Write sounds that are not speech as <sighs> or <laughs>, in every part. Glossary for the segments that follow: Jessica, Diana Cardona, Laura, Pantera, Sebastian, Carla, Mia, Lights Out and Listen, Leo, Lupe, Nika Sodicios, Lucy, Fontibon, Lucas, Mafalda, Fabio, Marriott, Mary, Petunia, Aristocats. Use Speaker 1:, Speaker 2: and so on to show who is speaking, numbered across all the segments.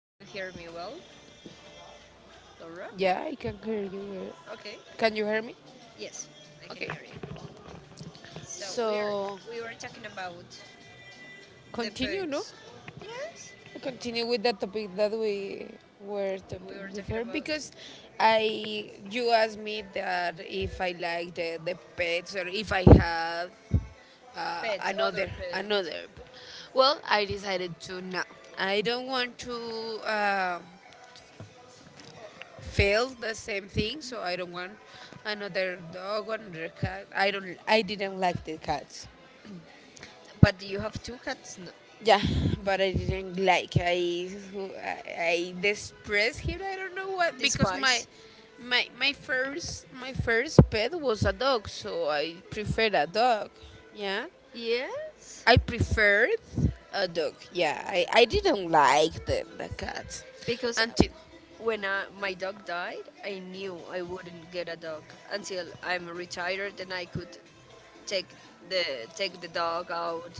Speaker 1: Do you hear me well, Laura?
Speaker 2: Yeah, I can hear you.
Speaker 1: Okay.
Speaker 2: Can you hear me?
Speaker 1: Yes, I can
Speaker 2: Okay.
Speaker 1: hear you. So we're
Speaker 2: So
Speaker 1: we were talking about the
Speaker 2: continue, no?
Speaker 1: pets. Yes.
Speaker 2: Continue with the topic that we were
Speaker 1: We
Speaker 2: talking
Speaker 1: were talking
Speaker 2: before
Speaker 1: about
Speaker 2: because I you asked me that if I like the pets or if I have
Speaker 1: pets, other
Speaker 2: another
Speaker 1: pets.
Speaker 2: another. p- Well, I decided to no. I don't want to uh, fail the same thing, so I don't want another dog or another cat. I don't. I didn't like the cats.
Speaker 1: But do you have two cats, no?
Speaker 2: Yeah, but I didn't like. I distressed him. I don't know what because
Speaker 1: Despise.
Speaker 2: my first pet was a dog, so I preferred a dog. Yeah,
Speaker 1: Yes.
Speaker 2: I preferred a dog. Yeah, I didn't like the cat
Speaker 1: Because
Speaker 2: until.
Speaker 1: when I, my dog died, I knew I wouldn't get a dog until I'm retired and I could take the take the dog out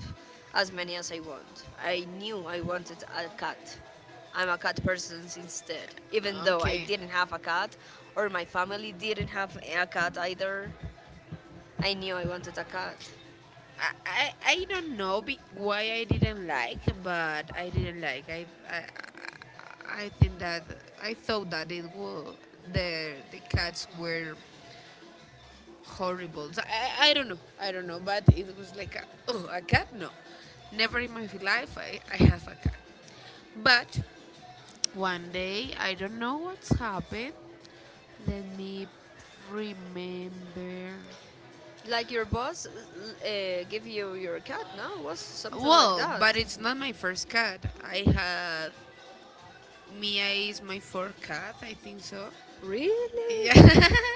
Speaker 1: as many as I want. I knew I wanted a cat. I'm a cat person instead, even though I
Speaker 2: Okay.
Speaker 1: didn't have a cat, or my family didn't have a cat either. I knew I wanted a cat.
Speaker 2: I don't know why I didn't like, but I didn't like. I think that I thought that it was the cats were horrible. So I don't know, but it was like, a, oh, a cat no, never in my life I have a cat. But one day I don't know what's happened. Let me remember.
Speaker 1: Like your boss give you your cat, no? Was something like
Speaker 2: Well, but
Speaker 1: that?
Speaker 2: it's not my first cat. I had. Mia is my fourth cat, I think so.
Speaker 1: Really?
Speaker 2: Yeah. <laughs>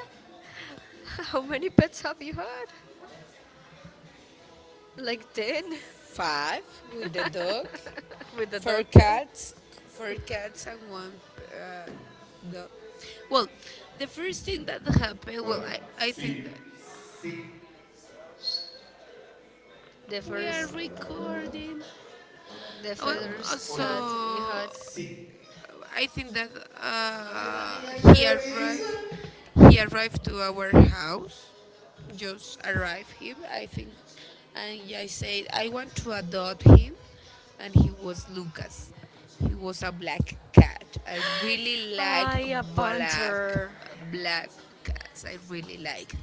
Speaker 1: <laughs> How many pets have you had? Like ten
Speaker 2: Five, with the dog.
Speaker 1: <laughs> with the
Speaker 2: Four
Speaker 1: dog.
Speaker 2: cats. Four cats and one uh, dog. Well, the first thing that happened,
Speaker 1: Hola.
Speaker 2: well, I
Speaker 1: Sí.
Speaker 2: think that
Speaker 1: Sí. The
Speaker 2: we are
Speaker 1: first.
Speaker 2: recording.
Speaker 1: The
Speaker 2: Well,
Speaker 1: first cut you
Speaker 2: so
Speaker 1: had.
Speaker 2: I think that he arrived. He arrived to our house. Just arrived him, I think, and I said I want to adopt him, and he was Lucas. He was a black cat. I really like
Speaker 1: I a
Speaker 2: black
Speaker 1: panther.
Speaker 2: black cats. I really liked.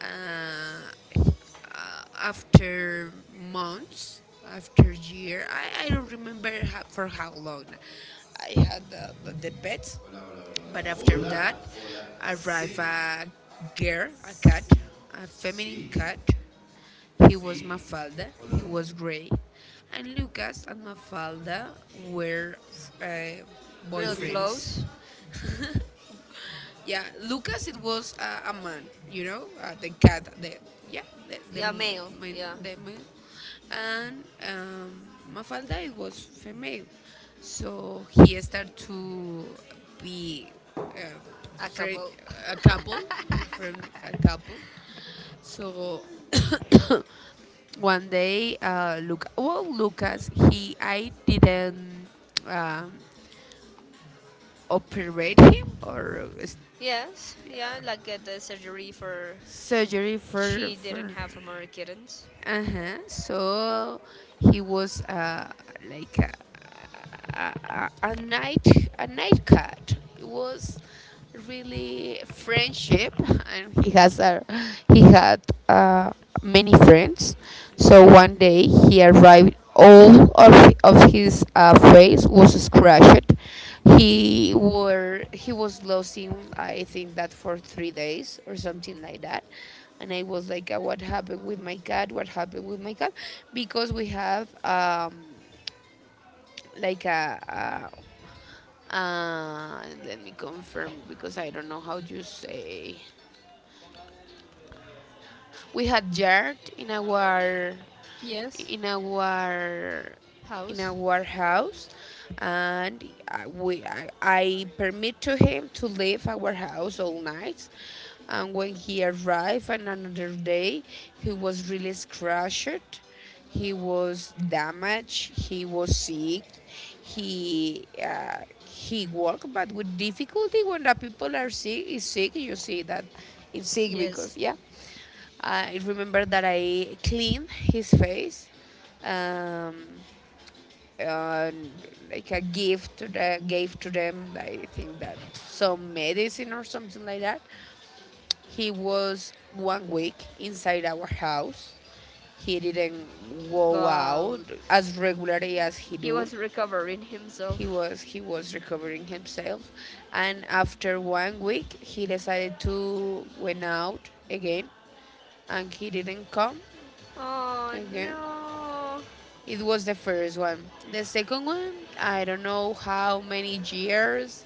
Speaker 2: Uh, after months, after year. I don't remember how, for how long I had the pets, but after that arrived
Speaker 1: Sí.
Speaker 2: a girl, a cat, a feminine
Speaker 1: Sí.
Speaker 2: cat. He was
Speaker 1: Sí.
Speaker 2: Mafalda, he
Speaker 1: No?
Speaker 2: was gray, and Lucas and Mafalda were uh,
Speaker 1: Real
Speaker 2: boyfriends.
Speaker 1: close.
Speaker 2: Yeah, Lucas, it was a man, the cat, the, yeah, the
Speaker 1: Yeah, male.
Speaker 2: man,
Speaker 1: Yeah,
Speaker 2: the man, and Mafalda, it was female, so he started to be uh,
Speaker 1: a
Speaker 2: friend,
Speaker 1: couple.
Speaker 2: a couple, he friend a couple, so <coughs> one day, well, Lucas, he I didn't um, operate him or
Speaker 1: Yes, yeah, like at the surgery for
Speaker 2: surgery for
Speaker 1: she didn't
Speaker 2: for
Speaker 1: have more kittens.
Speaker 2: uh-huh. So he was like a, a, a night a night cat. It was really friendship, and he has a he had uh many friends. So one day he arrived, all of his face was scratched. He was losing, I think, that for 3 days or something like that. And I was like, what happened with my cat? What happened with my cat? Because we have like let me confirm because I don't know how you say. We had yard in our,
Speaker 1: Yes.
Speaker 2: in our in a
Speaker 1: House.
Speaker 2: warehouse, and we, I permit to him to leave our house all night. And when he arrived on another day, he was really scratched. He was damaged. He was sick. He walked, but with difficulty. When the people are sick, is sick. You see that it's sick
Speaker 1: Yes.
Speaker 2: because. Yeah. I remember that I cleaned his face. Um, uh, like a gift to the, gave to them. I think that some medicine or something like that. He was one week inside our house. He didn't go
Speaker 1: But
Speaker 2: out as regularly as he
Speaker 1: he
Speaker 2: do.
Speaker 1: was recovering
Speaker 2: He
Speaker 1: himself.
Speaker 2: was he was recovering himself, and after one week he decided to went out again, and he didn't come
Speaker 1: Oh
Speaker 2: again.
Speaker 1: no.
Speaker 2: It was the first one. The second one, I don't know how many years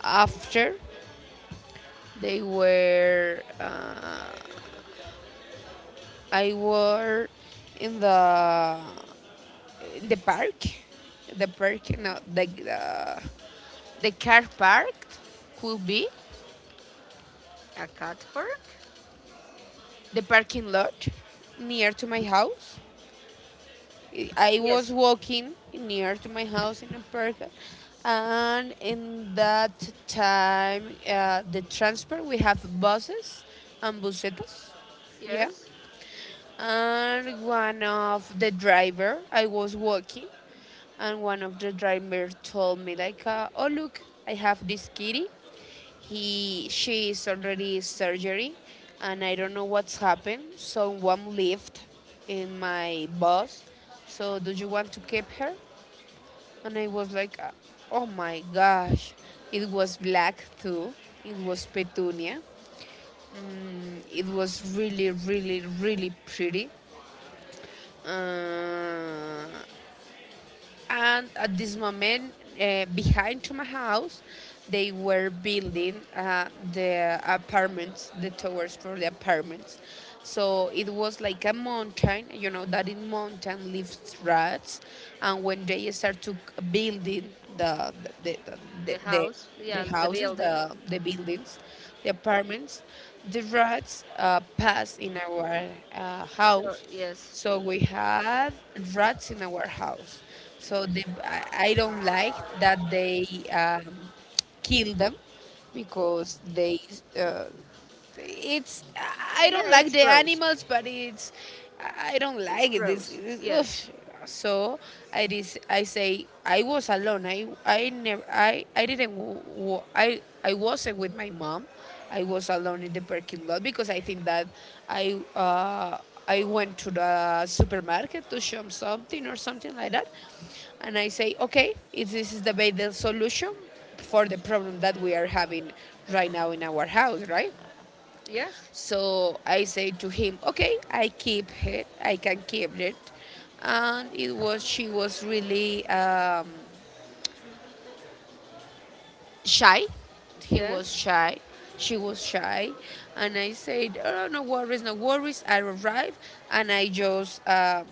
Speaker 2: after they were. I were in the in the park, the park, no, the car park, could be
Speaker 1: A cat park?
Speaker 2: the parking lot near to my house. I was
Speaker 1: Yes,
Speaker 2: walking near to my house in a park, and in that time, the transport, we have buses and busetas, yeah.
Speaker 1: yes.
Speaker 2: And one of the driver, I was walking, and one of the driver told me like, "Oh look, I have this kitty." He she is already surgery, and I don't know what's happened. Someone left in my bus. So do you want to keep her? And I was like, oh my gosh, it was black too. It was Petunia. Mm, it was really, really, really pretty. Uh, and at this moment behind to my house they were building the apartments, the towers for the apartments, so it was like a mountain. You know that in mountain lives rats, and when they start to building the the, the,
Speaker 1: The
Speaker 2: the
Speaker 1: house,
Speaker 2: the
Speaker 1: yeah, the
Speaker 2: houses,
Speaker 1: building.
Speaker 2: the buildings, the apartments, the rats pass in our
Speaker 1: So,
Speaker 2: house.
Speaker 1: yes.
Speaker 2: So we had rats in our house. So they, I don't like that they um, kill them because they, uh, it's, I don't
Speaker 1: Yeah,
Speaker 2: like
Speaker 1: it's
Speaker 2: the
Speaker 1: gross.
Speaker 2: animals, but it's, I don't
Speaker 1: It's
Speaker 2: like it. This,
Speaker 1: gross.
Speaker 2: this
Speaker 1: Yes.
Speaker 2: oof. So I say I was alone. I never I I didn't w- w- I wasn't with my mom. I was alone in the parking lot because I think that I uh, I went to the supermarket to shop something or something like that, and I say, okay, if this is the best solution for the problem that we are having right now in our house, right?
Speaker 1: Yes.
Speaker 2: So I say to him, okay, I keep it, I can keep it, and it was, she was really. Shy. He was
Speaker 1: Yes.
Speaker 2: shy. She was shy. And I said, oh, no worries, no worries. I arrived and I just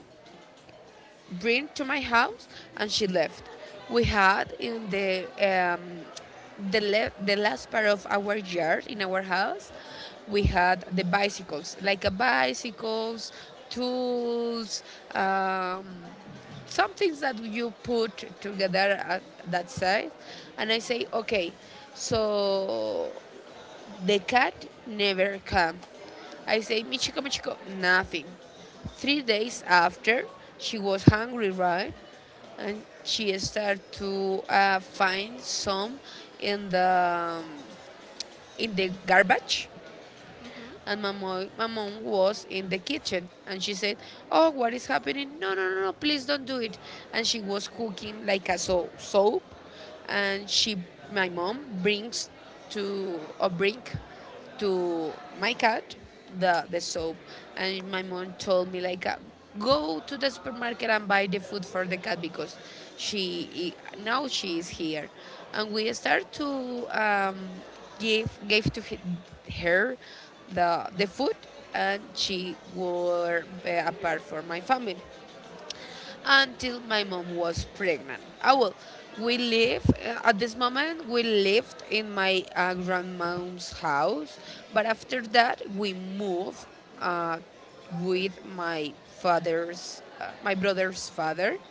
Speaker 2: bring to my house, and she left. We had in the last part of our yard in our house. We had the bicycles, like a bicycles, tools, um, some things that you put together at that side, and I say, okay, so the cat never came. I say, Michiko, Michiko, nothing. 3 days after, she was hungry, right? And she started to find some in the um, in the garbage, and
Speaker 1: Mm-hmm.
Speaker 2: my mom was in the kitchen and she said, "Oh, what is happening? No, no, no, no, please don't do it." And she was cooking like a soap. And she, my mom bring to my cat the soap. And my mom told me like, go to the supermarket and buy the food for the cat because she, now she is here. And we start to give gave to her the food, and she were apart from my family until my mom was pregnant. Ah, well, we live, at this moment we lived in my grandmom's house, but after that we moved uh, with my brother's father,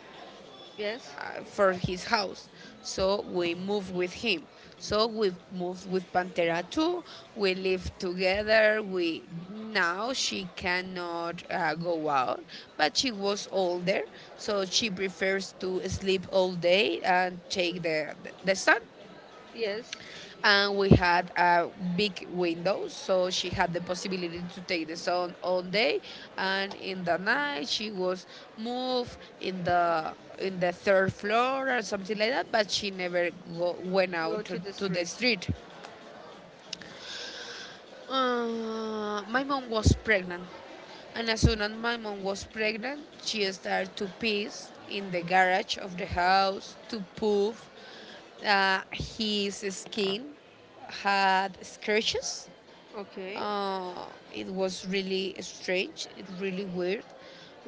Speaker 1: Yes.
Speaker 2: for his house. So we moved with him. So we moved with Pantera too. We live together. We, now she cannot go out, but she was older, so she prefers to sleep all day and take the sun.
Speaker 1: Yes.
Speaker 2: And we had a big window, so she had the possibility to take the sun all day, and in the night she was moved in the third floor or something like that, but she never went
Speaker 1: Go
Speaker 2: out
Speaker 1: to
Speaker 2: to,
Speaker 1: the
Speaker 2: to the
Speaker 1: street.
Speaker 2: street. My mom was pregnant, and as soon as my mom was pregnant she started to piss in the garage of the house to poof. His skin had scratches.
Speaker 1: Okay.
Speaker 2: Uh, it was really strange, it really weird.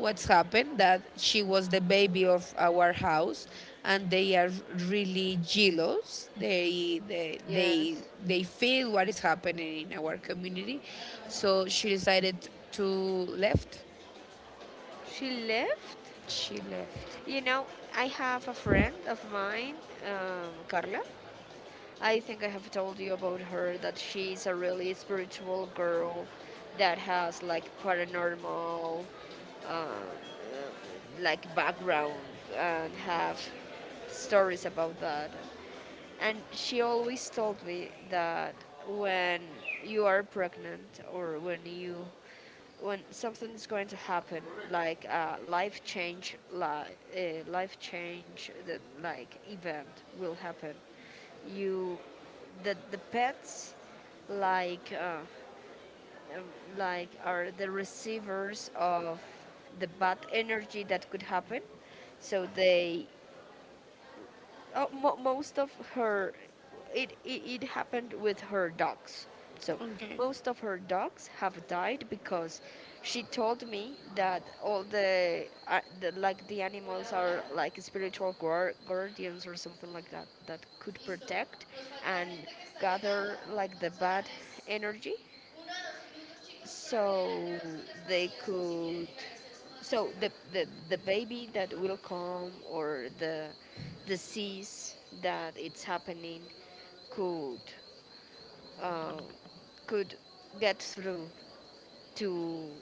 Speaker 2: What's happened that she was the baby of our house, and they are really jealous. They they they
Speaker 1: Yes.
Speaker 2: they feel what is happening in our community, so she decided to left.
Speaker 1: She left?
Speaker 2: She left.
Speaker 1: You know, I have a friend of mine, Carla. I think I have told you about her that she's a really spiritual girl that has like paranormal, um, like background and have stories about that. And she always told me that when you are pregnant or when you, when something's going to happen, like a life change, like a life change, the, like event will happen, you, the pets, like uh, um, like are the receivers of the bad energy that could happen. So they, mo- most of her it happened with her dogs, so
Speaker 2: Okay.
Speaker 1: most of her dogs have died because she told me that all the like the animals are like spiritual guar- guardians or something like that that could protect and gather like the bad energy so they could, so the, the baby that will come or the disease that it's happening could, uh, could get through to,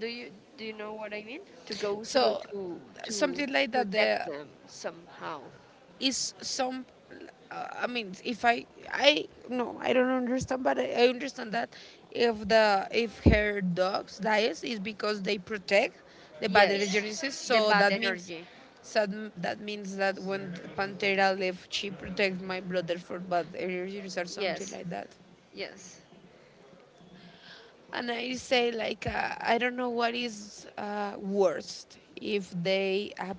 Speaker 1: do you, do you know what I mean to go through
Speaker 2: So
Speaker 1: to
Speaker 2: something like that.
Speaker 1: protect
Speaker 2: The
Speaker 1: them somehow.
Speaker 2: is some, I mean, if I, no, I don't understand, but I understand that if the if her dogs dies is because they protect the
Speaker 1: Yes,
Speaker 2: badogenesis,
Speaker 1: the
Speaker 2: so
Speaker 1: bad
Speaker 2: that means,
Speaker 1: energy.
Speaker 2: so that when Pantera left, she protects my brother for bad allergies or something
Speaker 1: Yes.
Speaker 2: like that.
Speaker 1: Yes.
Speaker 2: And I say like, I don't know what is worst if they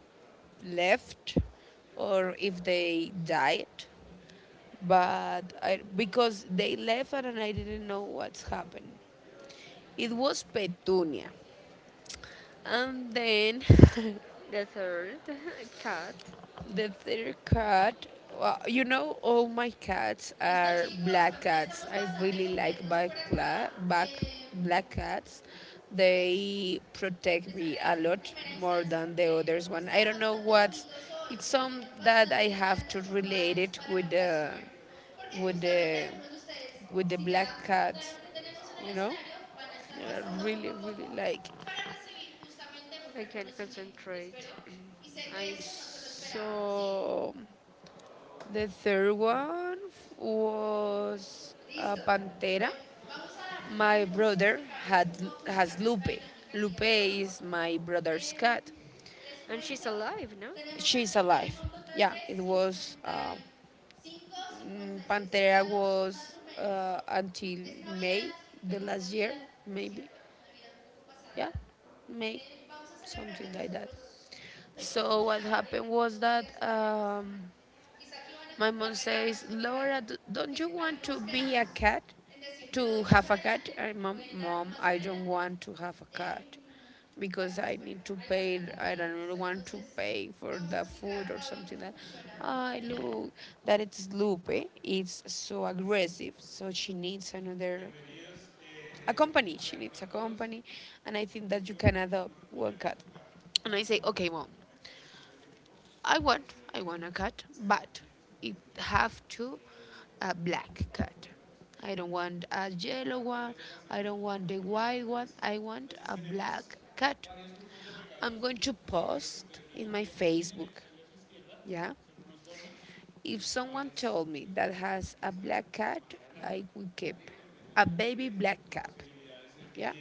Speaker 2: left or if they died, but because they left and I didn't know what's happened. It was Petunia. And then <laughs>
Speaker 1: The third <laughs> cat.
Speaker 2: The third cat, well, you know, all my cats
Speaker 1: Listo
Speaker 2: are
Speaker 1: chicos, creo
Speaker 2: black
Speaker 1: que ya
Speaker 2: cats.
Speaker 1: estamos
Speaker 2: I
Speaker 1: bastante
Speaker 2: really like
Speaker 1: completos
Speaker 2: black,
Speaker 1: por acá.
Speaker 2: cla- black,
Speaker 1: Eh,
Speaker 2: black cats. They protect
Speaker 1: les
Speaker 2: me a
Speaker 1: agradezco en
Speaker 2: lot
Speaker 1: primera
Speaker 2: more
Speaker 1: instancia.
Speaker 2: than the
Speaker 1: Creo
Speaker 2: others one. I
Speaker 1: están
Speaker 2: don't know
Speaker 1: bastante
Speaker 2: what.
Speaker 1: bonitos hoy,
Speaker 2: It's
Speaker 1: se
Speaker 2: some
Speaker 1: vienen
Speaker 2: that I have
Speaker 1: bastantes
Speaker 2: to
Speaker 1: formales
Speaker 2: relate it
Speaker 1: para la ocasión, porque
Speaker 2: with
Speaker 1: justamente
Speaker 2: the,
Speaker 1: algunos de ustedes,
Speaker 2: with the
Speaker 1: si ya
Speaker 2: black cat.
Speaker 1: lo que tenemos en el
Speaker 2: You know,
Speaker 1: escenario, van a estar pasando
Speaker 2: I
Speaker 1: poco
Speaker 2: really,
Speaker 1: a poco
Speaker 2: really like.
Speaker 1: para recibir justamente un I can concentrate. Espero. Y sé que ahí. Esto no se lo esperábamos.
Speaker 2: So. The third one was a
Speaker 1: Listo.
Speaker 2: Pantera.
Speaker 1: Bueno, vamos a jugar
Speaker 2: My
Speaker 1: en
Speaker 2: brother had
Speaker 1: cómo va a funcionar
Speaker 2: has
Speaker 1: nuestra
Speaker 2: Lupe. Lupe
Speaker 1: dinámica.
Speaker 2: is my brother's cat.
Speaker 1: And she's alive, no?
Speaker 2: She's alive. Yeah, it was, Pantera was until May the last year, maybe. Yeah, May,
Speaker 1: Eh,
Speaker 2: something like that. So what happened was that.
Speaker 1: no
Speaker 2: My mom says, "Laura, don't you want to be a cat? To have a cat?" And mom, I don't want to have a cat
Speaker 1: hay
Speaker 2: because I need to pay.
Speaker 1: bastantes
Speaker 2: I don't
Speaker 1: variables,
Speaker 2: really want to
Speaker 1: entonces
Speaker 2: pay for
Speaker 1: vamos a
Speaker 2: the food
Speaker 1: explicar,
Speaker 2: or
Speaker 1: Fabi,
Speaker 2: something
Speaker 1: cómo
Speaker 2: like.
Speaker 1: funciona Junta
Speaker 2: I
Speaker 1: Dinámica.
Speaker 2: look that it's Lupe. It's so aggressive. So she needs another a company. She needs a company, and I think that you can adopt one cat. And I say, okay, mom, I want a cat, but it have to a black cat. I don't want a yellow one. I don't want the white one. I want a black cat. I'm going to post in my Facebook. Yeah. If someone told me that has a black cat, I will keep a baby black cat. Yeah.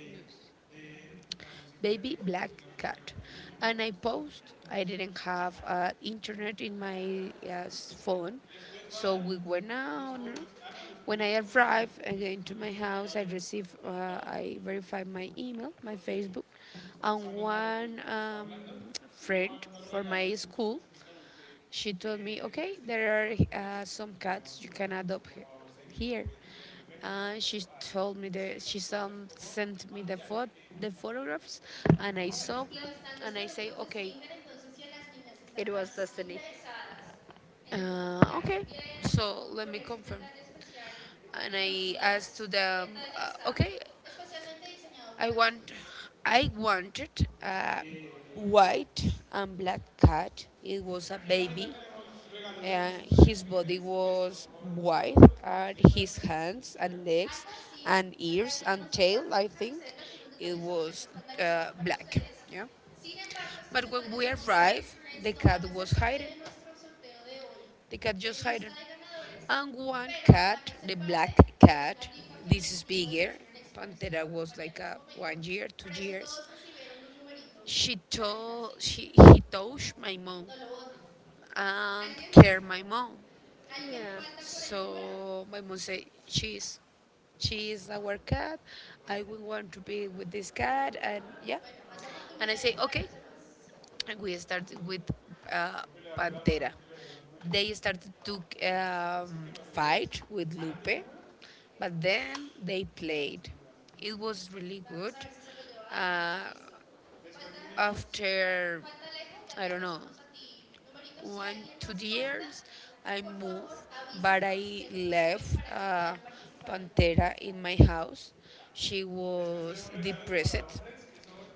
Speaker 2: Baby black cat. And I post. I didn't have internet in my phone, so we went out. When I arrived again to my house, I received, I verified my email, my Facebook, and one friend for my school she told me, okay, there are some cats you can adopt here. And she told me the she some, sent me the phot the photographs, and I saw, and I say, okay,
Speaker 1: Si, it was destiny. Interesadas
Speaker 2: okay,
Speaker 1: que le
Speaker 2: so
Speaker 1: tocó
Speaker 2: let me
Speaker 1: poner un
Speaker 2: confirm.
Speaker 1: detalle especial
Speaker 2: And
Speaker 1: en los
Speaker 2: I asked to
Speaker 1: días. Este
Speaker 2: them,
Speaker 1: detalle está
Speaker 2: okay,
Speaker 1: especialmente diseñado
Speaker 2: I
Speaker 1: para nosotros.
Speaker 2: want, I wanted a white and black cat. It was a baby. Uh, his body was white, and his hands and legs
Speaker 1: Algo así,
Speaker 2: and
Speaker 1: en
Speaker 2: ears
Speaker 1: realidad
Speaker 2: and
Speaker 1: nuestros
Speaker 2: tail,
Speaker 1: zapatos
Speaker 2: I
Speaker 1: y
Speaker 2: think,
Speaker 1: camisetas son un
Speaker 2: it
Speaker 1: detalle sorpresa
Speaker 2: was
Speaker 1: estandarizado para
Speaker 2: black.
Speaker 1: ustedes.
Speaker 2: Yeah.
Speaker 1: Sin embargo, estos
Speaker 2: But when
Speaker 1: detalles
Speaker 2: we
Speaker 1: de los
Speaker 2: arrived, the
Speaker 1: Friends no van
Speaker 2: cat
Speaker 1: a ser
Speaker 2: was
Speaker 1: parte
Speaker 2: hiding.
Speaker 1: de nuestro sorteo de hoy,
Speaker 2: The cat just
Speaker 1: de
Speaker 2: hiding.
Speaker 1: lista de ganadores,
Speaker 2: And one
Speaker 1: pero van
Speaker 2: cat,
Speaker 1: a
Speaker 2: the
Speaker 1: ser
Speaker 2: black
Speaker 1: parte de la
Speaker 2: cat,
Speaker 1: rifa que los
Speaker 2: this is bigger.
Speaker 1: en Experience nos
Speaker 2: Pantera was
Speaker 1: acompañará
Speaker 2: like
Speaker 1: en un
Speaker 2: a
Speaker 1: momento.
Speaker 2: 1 year, two
Speaker 1: Para eso
Speaker 2: years.
Speaker 1: todos recibieron un numerito
Speaker 2: She
Speaker 1: al entrar,
Speaker 2: told
Speaker 1: ¿sí?
Speaker 2: she he touched my mom
Speaker 1: No lo voten.
Speaker 2: and
Speaker 1: ¿Alguien,
Speaker 2: cared my mom.
Speaker 1: alguien ya falta por el número?
Speaker 2: So my mom
Speaker 1: Entonces,
Speaker 2: said,
Speaker 1: sí, sí.
Speaker 2: she is our cat. I will want to be with this cat, and yeah.
Speaker 1: Más
Speaker 2: And I
Speaker 1: oportunidades
Speaker 2: say,
Speaker 1: para
Speaker 2: okay.
Speaker 1: personas.
Speaker 2: And we started with uh, Pantera. They started to fight with Lupe, but then they played. It was really
Speaker 1: Vamos
Speaker 2: good.
Speaker 1: a ver si se lo lleva Ana.
Speaker 2: Uh,
Speaker 1: Listo. Falta,
Speaker 2: After,
Speaker 1: falta lejos, ya
Speaker 2: I
Speaker 1: te lo
Speaker 2: don't know,
Speaker 1: pasamos a ti. Numerito, si
Speaker 2: one
Speaker 1: alguien
Speaker 2: two
Speaker 1: más falta,
Speaker 2: years I
Speaker 1: por
Speaker 2: moved,
Speaker 1: favor
Speaker 2: but
Speaker 1: avísenos de-,
Speaker 2: I left
Speaker 1: para que puedan participar del
Speaker 2: Pantera in my house. She
Speaker 1: concurso.
Speaker 2: was depressed,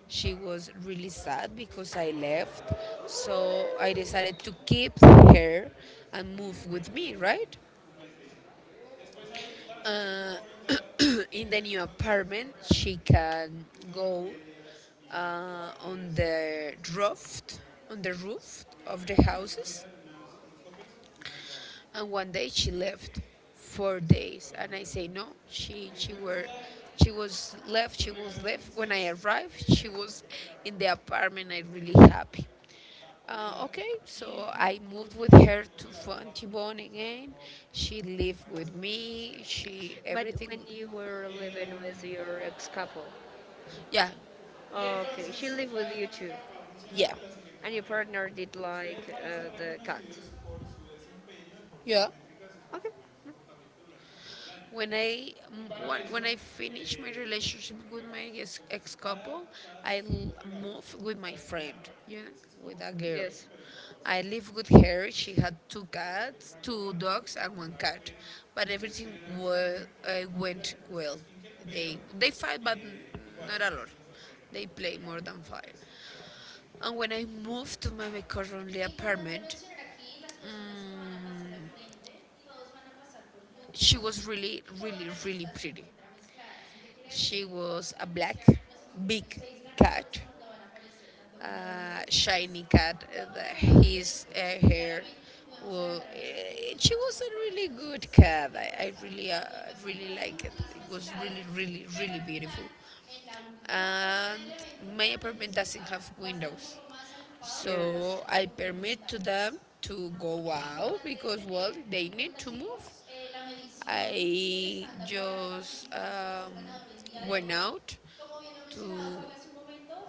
Speaker 2: she was really sad because I left, so I decided to keep her and move with me right. uh, <clears throat> in the new apartment she can go on the roof, on the roof of the houses. And one day she left 4 days, and I say no. She were she was left. She was left. When I arrived, she was in the apartment. I really happy. Okay, so I moved with her to Fontibon again. She lived with me. She
Speaker 1: But
Speaker 2: everything.
Speaker 1: when you were living with your ex couple, yeah.
Speaker 2: Yeah,
Speaker 1: Oh, okay, she lived with you too,
Speaker 2: yeah,
Speaker 1: and your partner did like the cat. Yeah.
Speaker 2: yeah.
Speaker 1: Okay. No,
Speaker 2: When I when I finished my relationship with my ex, ex couple, I l- moved with my friend, you know, with a girl.
Speaker 1: yes.
Speaker 2: I lived with her. She had two cats, two dogs, and one cat. But everything went well. They fight, but not a lot. They play more than five. And when I moved to my current
Speaker 1: Importante no
Speaker 2: apartment,
Speaker 1: mencionar aquí las personas que van a pasar al
Speaker 2: mm,
Speaker 1: frente, todos van a pasar por
Speaker 2: she
Speaker 1: grupos
Speaker 2: was really,
Speaker 1: y toda
Speaker 2: really,
Speaker 1: la
Speaker 2: really
Speaker 1: lista se
Speaker 2: pretty.
Speaker 1: encuentra mezclada. ¿Eso qué quiere
Speaker 2: She
Speaker 1: decir? Vamos
Speaker 2: was a
Speaker 1: a iniciar
Speaker 2: black,
Speaker 1: los primeros
Speaker 2: big
Speaker 1: seis ganadores
Speaker 2: cat,
Speaker 1: donde van a aparecer tanto ganadores
Speaker 2: a
Speaker 1: de liga
Speaker 2: shiny cat.
Speaker 1: como ganadores de
Speaker 2: His
Speaker 1: campeonatos.
Speaker 2: hair,
Speaker 1: Claramente vamos a
Speaker 2: well,
Speaker 1: dejar a nuestro equipo de
Speaker 2: she
Speaker 1: chicos
Speaker 2: was
Speaker 1: por
Speaker 2: a
Speaker 1: fuera,
Speaker 2: really
Speaker 1: entonces
Speaker 2: good
Speaker 1: nuestro
Speaker 2: cat. I,
Speaker 1: equipo
Speaker 2: I
Speaker 1: está
Speaker 2: really,
Speaker 1: también,
Speaker 2: really
Speaker 1: hay
Speaker 2: like
Speaker 1: un
Speaker 2: it.
Speaker 1: tris
Speaker 2: It was
Speaker 1: mezclado,
Speaker 2: really, really,
Speaker 1: pero
Speaker 2: really
Speaker 1: al final,
Speaker 2: beautiful.
Speaker 1: en la última parte
Speaker 2: And
Speaker 1: del evento,
Speaker 2: my
Speaker 1: también
Speaker 2: apartment
Speaker 1: es
Speaker 2: doesn't have
Speaker 1: va a estar un
Speaker 2: windows,
Speaker 1: poco más agrupado. Qué
Speaker 2: so I permit to them to go out
Speaker 1: importante
Speaker 2: because
Speaker 1: tener
Speaker 2: well, they
Speaker 1: en
Speaker 2: need
Speaker 1: cuenta,
Speaker 2: to move.
Speaker 1: chicos, eh, la medición
Speaker 2: I
Speaker 1: estándar para
Speaker 2: just
Speaker 1: participar y para ser ganador el día de
Speaker 2: went
Speaker 1: hoy.
Speaker 2: out
Speaker 1: Como bien lo
Speaker 2: to
Speaker 1: mencionaba Fabio hace un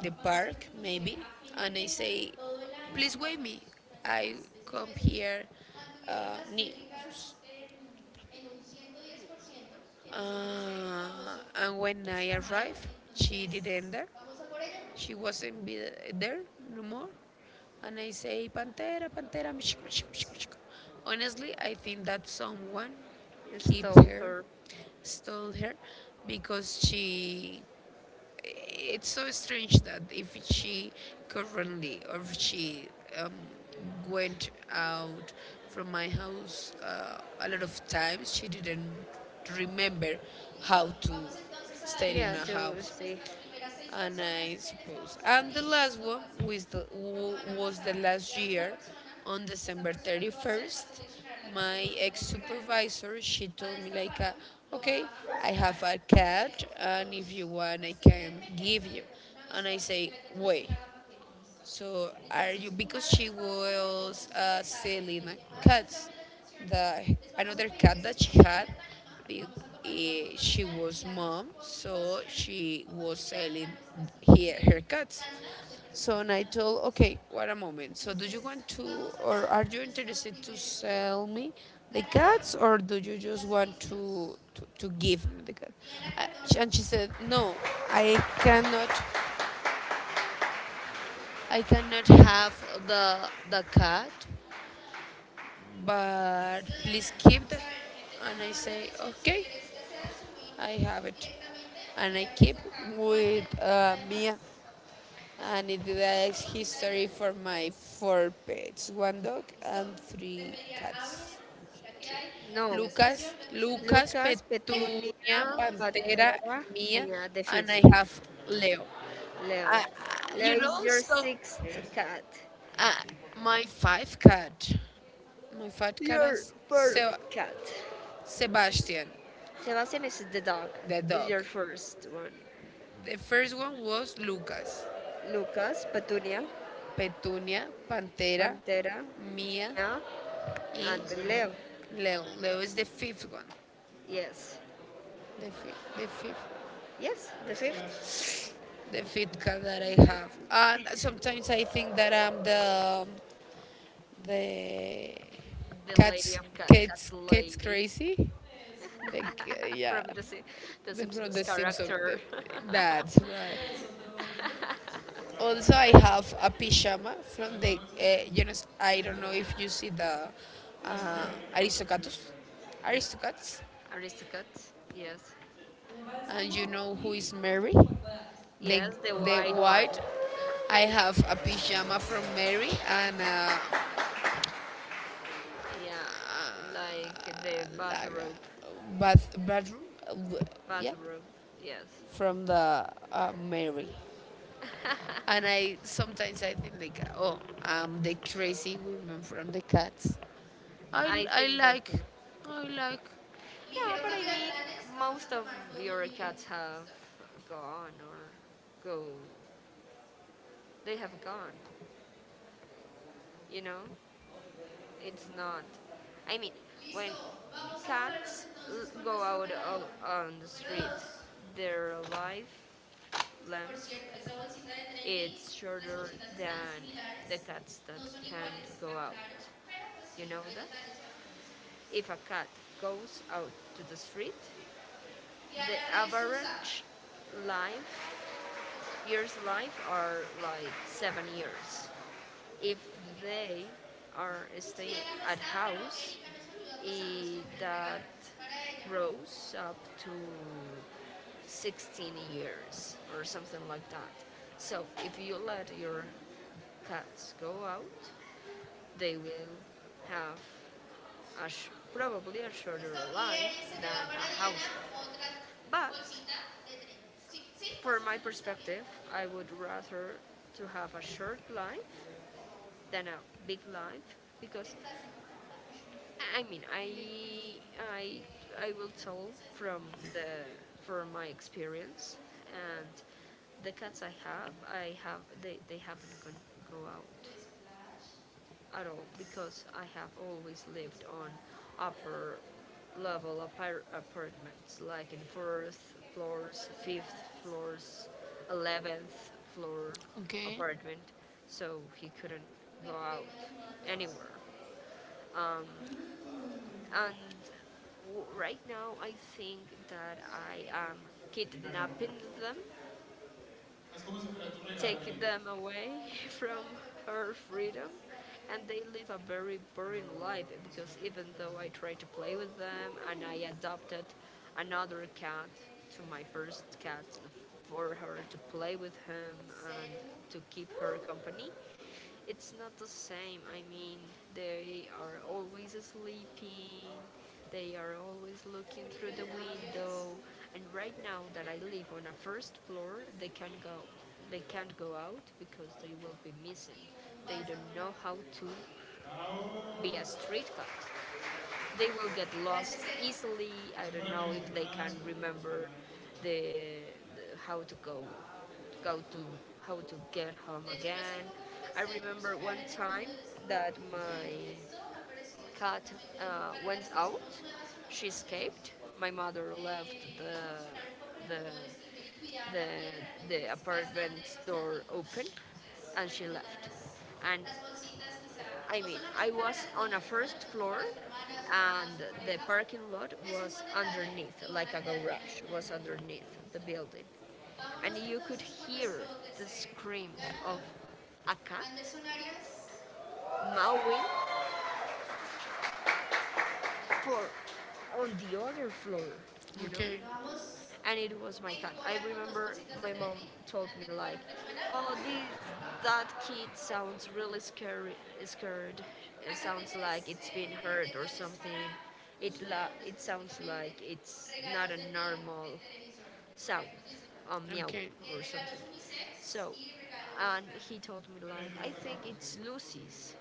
Speaker 2: the
Speaker 1: vamos a
Speaker 2: park,
Speaker 1: reconocer
Speaker 2: maybe,
Speaker 1: a gente
Speaker 2: and I
Speaker 1: que durante
Speaker 2: say,
Speaker 1: todo el año,
Speaker 2: please
Speaker 1: o
Speaker 2: wait
Speaker 1: al menos
Speaker 2: me.
Speaker 1: durante
Speaker 2: I
Speaker 1: más de seis
Speaker 2: come
Speaker 1: meses,
Speaker 2: here
Speaker 1: mantuvieron las
Speaker 2: new.
Speaker 1: métricas en, en un 110%, quienes hicieron ese
Speaker 2: Uh,
Speaker 1: famoso
Speaker 2: and when I
Speaker 1: Shamail,
Speaker 2: arrived, she didn't
Speaker 1: entonces
Speaker 2: there.
Speaker 1: vamos a por ello.
Speaker 2: She wasn't be there no more. And I say, Pantera, Pantera. Honestly, I think that someone kept
Speaker 1: Stole
Speaker 2: her,
Speaker 1: her.
Speaker 2: stole her, because she it's so strange that if she currently or if she um, went out from my house a lot of times, she didn't remember
Speaker 1: Listo,
Speaker 2: how to
Speaker 1: vamos entonces a darle,
Speaker 2: stay in
Speaker 1: yeah,
Speaker 2: a
Speaker 1: inicio
Speaker 2: house
Speaker 1: a las primeras seis
Speaker 2: and
Speaker 1: personas
Speaker 2: I
Speaker 1: que les
Speaker 2: suppose.
Speaker 1: vamos a
Speaker 2: And the
Speaker 1: pedir
Speaker 2: last
Speaker 1: cuando
Speaker 2: one
Speaker 1: pasen esto. Porque van a
Speaker 2: was the
Speaker 1: pasar
Speaker 2: last
Speaker 1: ya una
Speaker 2: year
Speaker 1: persona,
Speaker 2: on
Speaker 1: esta
Speaker 2: December
Speaker 1: persona que va a hacer va
Speaker 2: 31st.
Speaker 1: a seleccionar la
Speaker 2: My
Speaker 1: categoría
Speaker 2: ex
Speaker 1: del regalo.
Speaker 2: supervisor, she
Speaker 1: Va a
Speaker 2: told me like,
Speaker 1: destaparlo, lo va
Speaker 2: okay,
Speaker 1: a
Speaker 2: I
Speaker 1: mostrar,
Speaker 2: have a
Speaker 1: que
Speaker 2: cat,
Speaker 1: queremos que
Speaker 2: and
Speaker 1: todos,
Speaker 2: if you want, I
Speaker 1: pues se lleven
Speaker 2: can
Speaker 1: el ejemplo
Speaker 2: give
Speaker 1: de
Speaker 2: you.
Speaker 1: una
Speaker 2: And I
Speaker 1: visual
Speaker 2: say,
Speaker 1: de
Speaker 2: wait,
Speaker 1: cada paquete.
Speaker 2: so are you
Speaker 1: Entonces, una
Speaker 2: because
Speaker 1: vez
Speaker 2: she
Speaker 1: pasen y
Speaker 2: was
Speaker 1: recojan su detalle,
Speaker 2: selling
Speaker 1: el que más les
Speaker 2: cats,
Speaker 1: llame la atención,
Speaker 2: the
Speaker 1: les vamos a
Speaker 2: another
Speaker 1: pedir
Speaker 2: cat
Speaker 1: que se
Speaker 2: that she
Speaker 1: queden en
Speaker 2: had,
Speaker 1: la tarima,
Speaker 2: be-
Speaker 1: vamos a tomar una foto
Speaker 2: she
Speaker 1: final y
Speaker 2: was
Speaker 1: damos
Speaker 2: mom, so
Speaker 1: continuación
Speaker 2: she
Speaker 1: o
Speaker 2: was
Speaker 1: continuidad
Speaker 2: selling
Speaker 1: a nuestra
Speaker 2: here her
Speaker 1: siguiente
Speaker 2: cats.
Speaker 1: tanda de
Speaker 2: So
Speaker 1: personas
Speaker 2: and I told,
Speaker 1: ganadoras.
Speaker 2: okay, what a moment. So do you
Speaker 1: Entonces,
Speaker 2: want to,
Speaker 1: vamos
Speaker 2: or are
Speaker 1: allá con
Speaker 2: you
Speaker 1: nuestro
Speaker 2: interested to
Speaker 1: primer
Speaker 2: sell me the
Speaker 1: ganador,
Speaker 2: cats, or do you
Speaker 1: Nika
Speaker 2: just want
Speaker 1: Sodicios,
Speaker 2: to give me the cat?
Speaker 1: Diana
Speaker 2: Uh,
Speaker 1: Cardona.
Speaker 2: and she
Speaker 1: Listo,
Speaker 2: said, no, I cannot. I cannot have the cat, but please
Speaker 1: Diana,
Speaker 2: keep
Speaker 1: vamos
Speaker 2: them.
Speaker 1: a ver, ¿qué te
Speaker 2: And I
Speaker 1: llama más la
Speaker 2: say,
Speaker 1: atención? Si
Speaker 2: okay,
Speaker 1: quieres, o sea, subir
Speaker 2: I have it.
Speaker 1: directamente,
Speaker 2: And I
Speaker 1: mirar
Speaker 2: keep
Speaker 1: desde acá, cuál te
Speaker 2: with
Speaker 1: atrae más.
Speaker 2: Mia. And it is history for my four pets, one dog and three cats.
Speaker 1: No.
Speaker 2: Lucas,
Speaker 1: Lucas, Petunia,
Speaker 2: Petunia, Pantera,
Speaker 1: Pantera,
Speaker 2: Mia,
Speaker 1: Mia, the
Speaker 2: and
Speaker 1: fifth,
Speaker 2: I have Leo. I,
Speaker 1: Leo.
Speaker 2: I- you
Speaker 1: Leo is
Speaker 2: know,
Speaker 1: your
Speaker 2: so
Speaker 1: sixth cat,
Speaker 2: Uh, my five cat, my five cat and
Speaker 1: your
Speaker 2: Se-
Speaker 1: birth cat.
Speaker 2: Sebastian,
Speaker 1: Sebastian is the dog,
Speaker 2: the
Speaker 1: is
Speaker 2: dog.
Speaker 1: your first one.
Speaker 2: The first one was Lucas,
Speaker 1: Lucas, Petunia,
Speaker 2: Petunia, Pantera,
Speaker 1: Pantera,
Speaker 2: Mia,
Speaker 1: Mia,
Speaker 2: y
Speaker 1: and Leo.
Speaker 2: Leo. Leo is the fifth one.
Speaker 1: Yes,
Speaker 2: The fifth,
Speaker 1: yes, the fifth,
Speaker 2: the fifth cat that I have. And sometimes I think that I'm the the
Speaker 1: the lady
Speaker 2: cat's
Speaker 1: of cat,
Speaker 2: cat's
Speaker 1: cat's
Speaker 2: cat's
Speaker 1: lady.
Speaker 2: crazy. Like,
Speaker 1: <laughs>
Speaker 2: yeah,
Speaker 1: From the, Si-, the
Speaker 2: from the
Speaker 1: Simpsons
Speaker 2: Simpsons.
Speaker 1: character. <laughs>
Speaker 2: That's right. Also, I have a pyjama from the, you know, I don't know if you see the uh, Aristocatus, Aristocats,
Speaker 1: Aristocrat, yes.
Speaker 2: and you know who is Mary, the
Speaker 1: Yes, the
Speaker 2: the
Speaker 1: white one.
Speaker 2: white. I have a pyjama from Mary and
Speaker 1: Yeah, like the
Speaker 2: like
Speaker 1: bathrobe.
Speaker 2: a bathroom, yeah,
Speaker 1: Bathrobe, yes.
Speaker 2: from the Mary. And
Speaker 1: <laughs>
Speaker 2: I sometimes I think like, oh, I'm the crazy woman from the cats. I,
Speaker 1: I
Speaker 2: I
Speaker 1: think that
Speaker 2: like,
Speaker 1: too.
Speaker 2: I like.
Speaker 1: Yeah, but I mean, most of your cats have gone or go. They have gone, you know? It's not. I mean, when cats l- go out o- on the street, their life length is shorter than the cats that can not go out. You know that? If a cat goes out to the street, the average life years life are like 7 years. If they are staying at house, eh, that grows up to 16 years or something like that, so if you let your cats go out they will have a sh- probably a shorter life than a house cat, but for my perspective, I would rather to have a short life than a big life because I mean, I I will tell from the, from my experience, and the cats I have they haven't gone, go out at all because I have always lived on upper level apar- apartments like in fourth floors, fifth floors, 11th floor
Speaker 2: Okay,
Speaker 1: apartment, so he couldn't go out anywhere. Um, and w- right now I think that I am kidnapping them, taking them away <laughs> from her freedom, and they live a very boring life because even though I try to play with them and I adopted another cat to my first cat for her to play with him and to keep her company it's not the same. I mean, they are always sleeping. They are always looking through the window. And right now that I live on a first floor, they can not go. They can't go out because they will be missing. They don't know how to be a street cat, they will get lost easily. I don't know if they can remember the, the how to go, go to, how to get home again. I remember one time that my cat went out. She escaped. My mother left the the the apartment door open and she left, and I mean, I was on a first floor and the parking lot was underneath, like a garage was underneath the building. And you could hear the screams of a cat mowing for on the other floor, you know?
Speaker 2: okay.
Speaker 1: And it was my cat. I remember my mom told me like, "Oh, this that kid sounds really scary, scared. It sounds like it's been hurt or something. It la- it sounds like it's not a normal sound,
Speaker 2: Okay,
Speaker 1: meowing or something." So, and he told me like, I think it's Lucy's,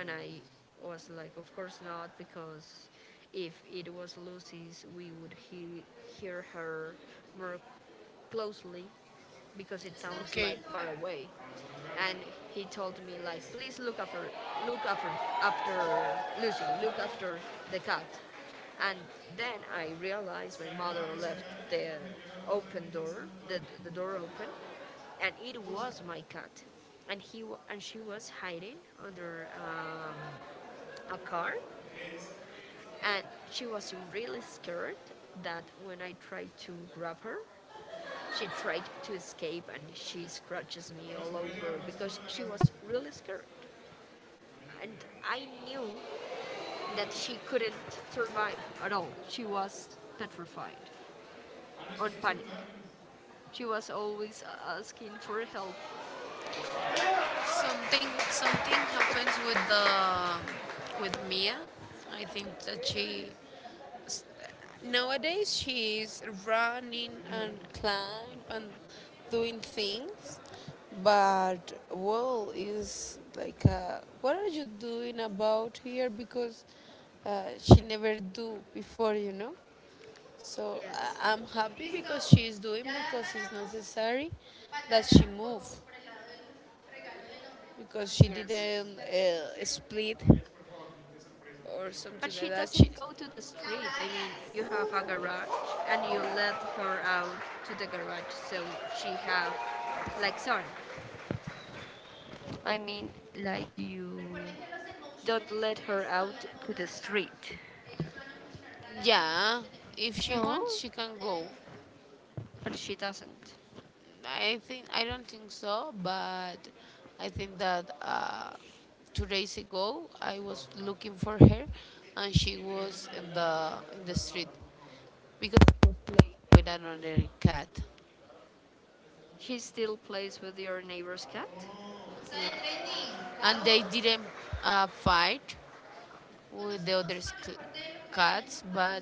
Speaker 1: and I was like, of course not, because if it was Lucy's, we would he- hear her more closely because it sounds
Speaker 2: okay.
Speaker 1: like far away, and he told me like please look after, look after, after Lucy, look after the cat. And then I realized my mother left the open door, the door open, and it was my cat. And he wa- and she was hiding under a car, and she was really scared that when I tried to grab her, she tried to escape and she scratches me all over because she was really scared, and I knew that she couldn't survive at all. She was petrified, on panic. She was always asking for help.
Speaker 2: Something happens with the with Mia. I think that s- nowadays she's running and climb and doing things, but well is like what are you doing about here because she never do before, you know, so
Speaker 1: Yes.
Speaker 2: I'm happy because she's doing because it's necessary that she move, because she
Speaker 1: Yes.
Speaker 2: didn't split or something
Speaker 1: But
Speaker 2: like
Speaker 1: she
Speaker 2: that she.
Speaker 1: doesn't go to the street. I mean, you have a garage and you let her out to the garage, so she have like sun. I mean, like you, don't let her out to the street.
Speaker 2: Yeah, if she wants
Speaker 1: No,
Speaker 2: she can go.
Speaker 1: but she doesn't.
Speaker 2: I think I don't think so, but I think that 2 days ago I was looking for her, and she was in the street because with another cat,
Speaker 1: She still plays with your neighbor's cat?
Speaker 2: yeah. And they didn't fight with the other cats, but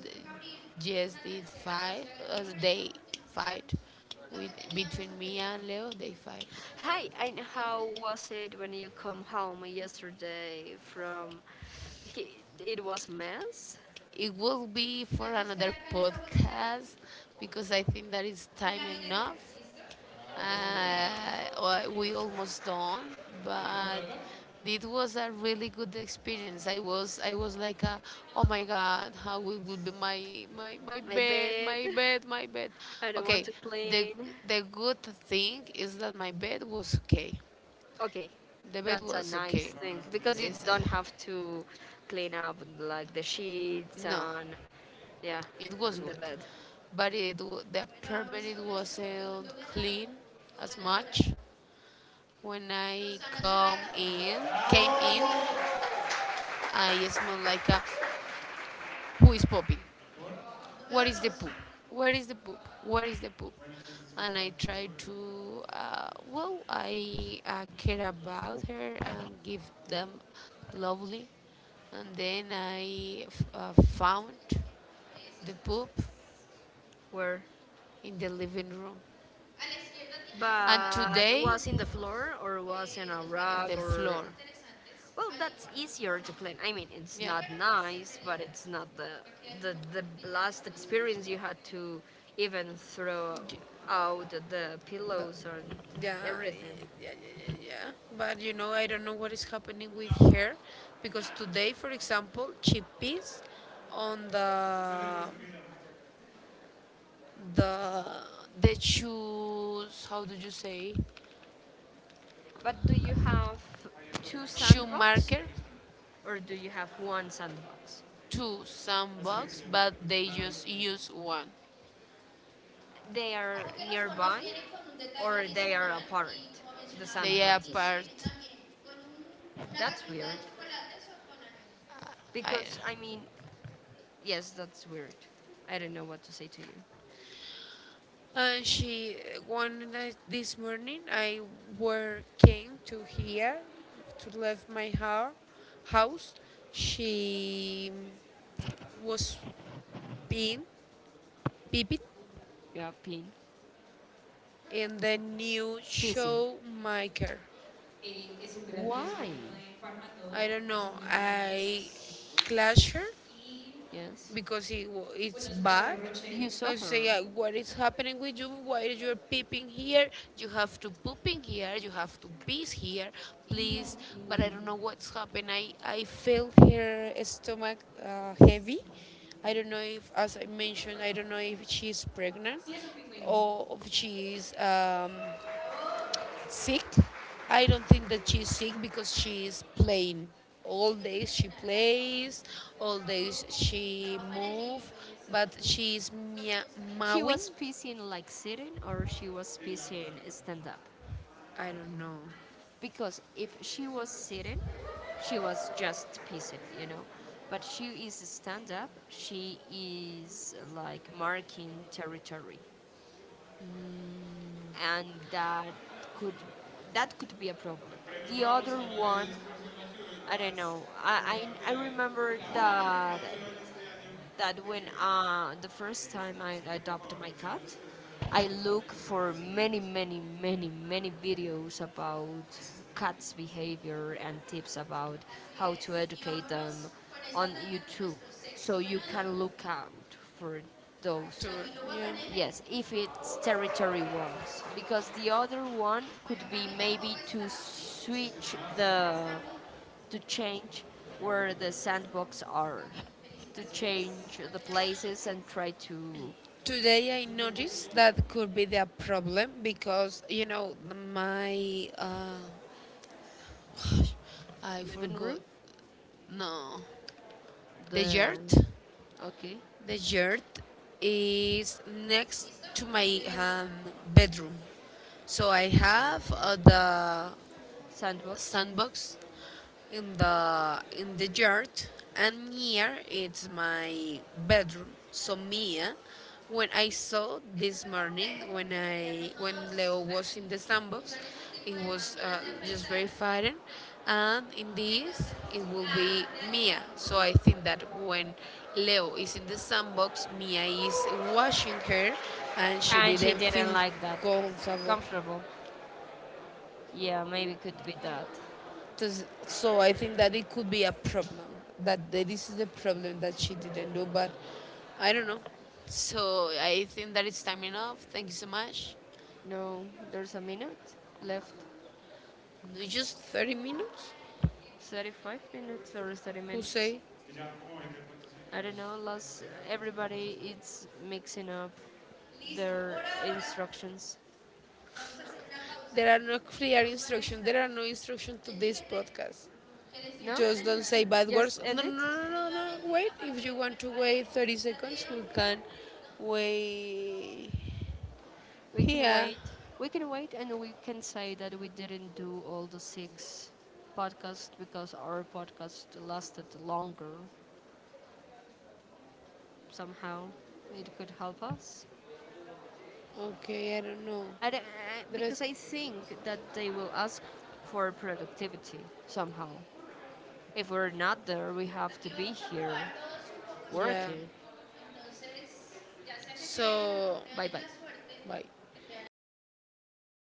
Speaker 2: yes, did fight. They fight with between me and Leo. They fight.
Speaker 1: Hi, and how was it when you come home yesterday from, he, it was a mess?
Speaker 2: It will be for another podcast because I think that is time enough. Well, we almost done, but it was a really good experience. I was like, oh my god, how it will be my
Speaker 1: My
Speaker 2: bed,
Speaker 1: bed.
Speaker 2: my bed, my bed.
Speaker 1: <laughs> I don't
Speaker 2: Okay,
Speaker 1: want to
Speaker 2: the
Speaker 1: clean.
Speaker 2: good thing is that my bed was okay.
Speaker 1: Okay,
Speaker 2: The bed
Speaker 1: that's a
Speaker 2: was okay.
Speaker 1: nice thing because you
Speaker 2: This
Speaker 1: don't have to clean up like the sheets
Speaker 2: no.
Speaker 1: and, yeah,
Speaker 2: It was
Speaker 1: and
Speaker 2: good,
Speaker 1: the bed.
Speaker 2: but the apartment it wasn't clean as much. When I come in, came in, I smelled like a who is pooping? Where is the poop? Where is the poop? Where is the poop? And I
Speaker 1: And
Speaker 2: tried to,
Speaker 1: who
Speaker 2: well,
Speaker 1: I
Speaker 2: I care
Speaker 1: care about
Speaker 2: about her
Speaker 1: and give
Speaker 2: and give
Speaker 1: them
Speaker 2: them
Speaker 1: love
Speaker 2: lovely.
Speaker 1: and
Speaker 2: And
Speaker 1: they
Speaker 2: then
Speaker 1: had
Speaker 2: I
Speaker 1: fun
Speaker 2: found the poop
Speaker 1: too. Where?
Speaker 2: in the living room. And
Speaker 1: But
Speaker 2: today
Speaker 1: was in the floor or was in a
Speaker 2: the
Speaker 1: rug?
Speaker 2: floor.
Speaker 1: Or well that's easier to clean. I mean it's
Speaker 2: Yeah.
Speaker 1: not nice but it's not the, the last experience you had to even throw out the pillows and
Speaker 2: yeah,
Speaker 1: everything.
Speaker 2: yeah, yeah, yeah, yeah. But you know, I don't know what is happening with her because today, for example, she pees on the the shoes, how do you say?
Speaker 1: But do you have two
Speaker 2: Shoe
Speaker 1: sandbox?
Speaker 2: marker
Speaker 1: Or do you have one sandbox?
Speaker 2: to some box, but they just use one.
Speaker 1: They are nearby or they are apart, the
Speaker 2: They are
Speaker 1: sandboxes?
Speaker 2: part.
Speaker 1: That's weird
Speaker 2: I,
Speaker 1: because I mean, yes, that's weird. I don't know what to say to you.
Speaker 2: and she one night this morning I were came to here to leave my house. House. She was being peeping
Speaker 1: Yeah, pin.
Speaker 2: in the new
Speaker 1: Pissing.
Speaker 2: show maker.
Speaker 1: Why?
Speaker 2: I don't know. I clashed her
Speaker 1: Yes.
Speaker 2: because it's bad.
Speaker 1: You
Speaker 2: So I
Speaker 1: saw
Speaker 2: say,
Speaker 1: her.
Speaker 2: what is happening with you? Why are you peeping here? You have to pooping here. You have to piss here, please. But I don't know what's happened. I feel her stomach heavy. I don't know if, as
Speaker 1: As
Speaker 2: I
Speaker 1: a
Speaker 2: mentioned, I don't know if she's
Speaker 1: chief pregnant.
Speaker 2: pregnant
Speaker 1: Yes, between.
Speaker 2: or if
Speaker 1: She
Speaker 2: she
Speaker 1: was
Speaker 2: is sick?
Speaker 1: sick.
Speaker 2: I
Speaker 1: I
Speaker 2: don't think that she's
Speaker 1: was.
Speaker 2: sick because she is playing. All days she plays, all days she move, but
Speaker 1: She
Speaker 2: mowing.
Speaker 1: was pissing like sitting or she was pissing stand up,
Speaker 2: I don't know.
Speaker 1: because if she was sitting, she was just pissing, you know. But she is stand up. She is like marking territory, and that could, that could be a problem. The other one, I don't know. I remember that that when the first time I adopted my cat, I look for many, many, many, many videos about cats' behavior and tips about how to educate them on YouTube. So you can look out for
Speaker 2: To-
Speaker 1: those.
Speaker 2: yeah.
Speaker 1: Yes, if it's territory ones, because the other one could be maybe to switch the, to change where the sandbox are, to change the places and try to,
Speaker 2: Today I noticed that could be the problem because you know my <sighs> I
Speaker 1: living
Speaker 2: forgot.
Speaker 1: room.
Speaker 2: No, the yurt.
Speaker 1: The okay,
Speaker 2: The yard is next to my bedroom. So I have the
Speaker 1: sandbox.
Speaker 2: sandbox in the yard, and near it's my bedroom, so Mia, when I saw this morning, when I, when Leo was in the sandbox, it was just very frightened, and in this it will be Mia. So I think that when Leo is in the sandbox, Mia is washing her and she
Speaker 1: And
Speaker 2: didn't
Speaker 1: she
Speaker 2: feel
Speaker 1: didn't like that.
Speaker 2: comfortable.
Speaker 1: Comfortable. Yeah, maybe could be that.
Speaker 2: So I think that it could be a problem. That this is the problem that she didn't do, but I don't know. So I think that it's time enough. Thank you so much.
Speaker 1: No, there's a minute left.
Speaker 2: It's just 30 minutes.
Speaker 1: 35 minutes or 30
Speaker 2: Who say?
Speaker 1: minutes. I don't know, last everybody is mixing up their instructions.
Speaker 2: There are no clear instructions. There are no instructions to this podcast.
Speaker 1: No?
Speaker 2: Just don't say bad words.
Speaker 1: Just end it?
Speaker 2: No. No. Wait. If you want to wait 30 seconds, we can wait
Speaker 1: We can
Speaker 2: here.
Speaker 1: wait. We can wait and we can say that we didn't do all the six podcasts because our podcast lasted longer somehow. It could help us.
Speaker 2: Okay, I don't know.
Speaker 1: And
Speaker 2: There is,
Speaker 1: because I think that they will ask for productivity somehow. If we're not there, we have to be here
Speaker 2: yeah.
Speaker 1: working.
Speaker 2: So
Speaker 1: Bye bye.
Speaker 2: bye.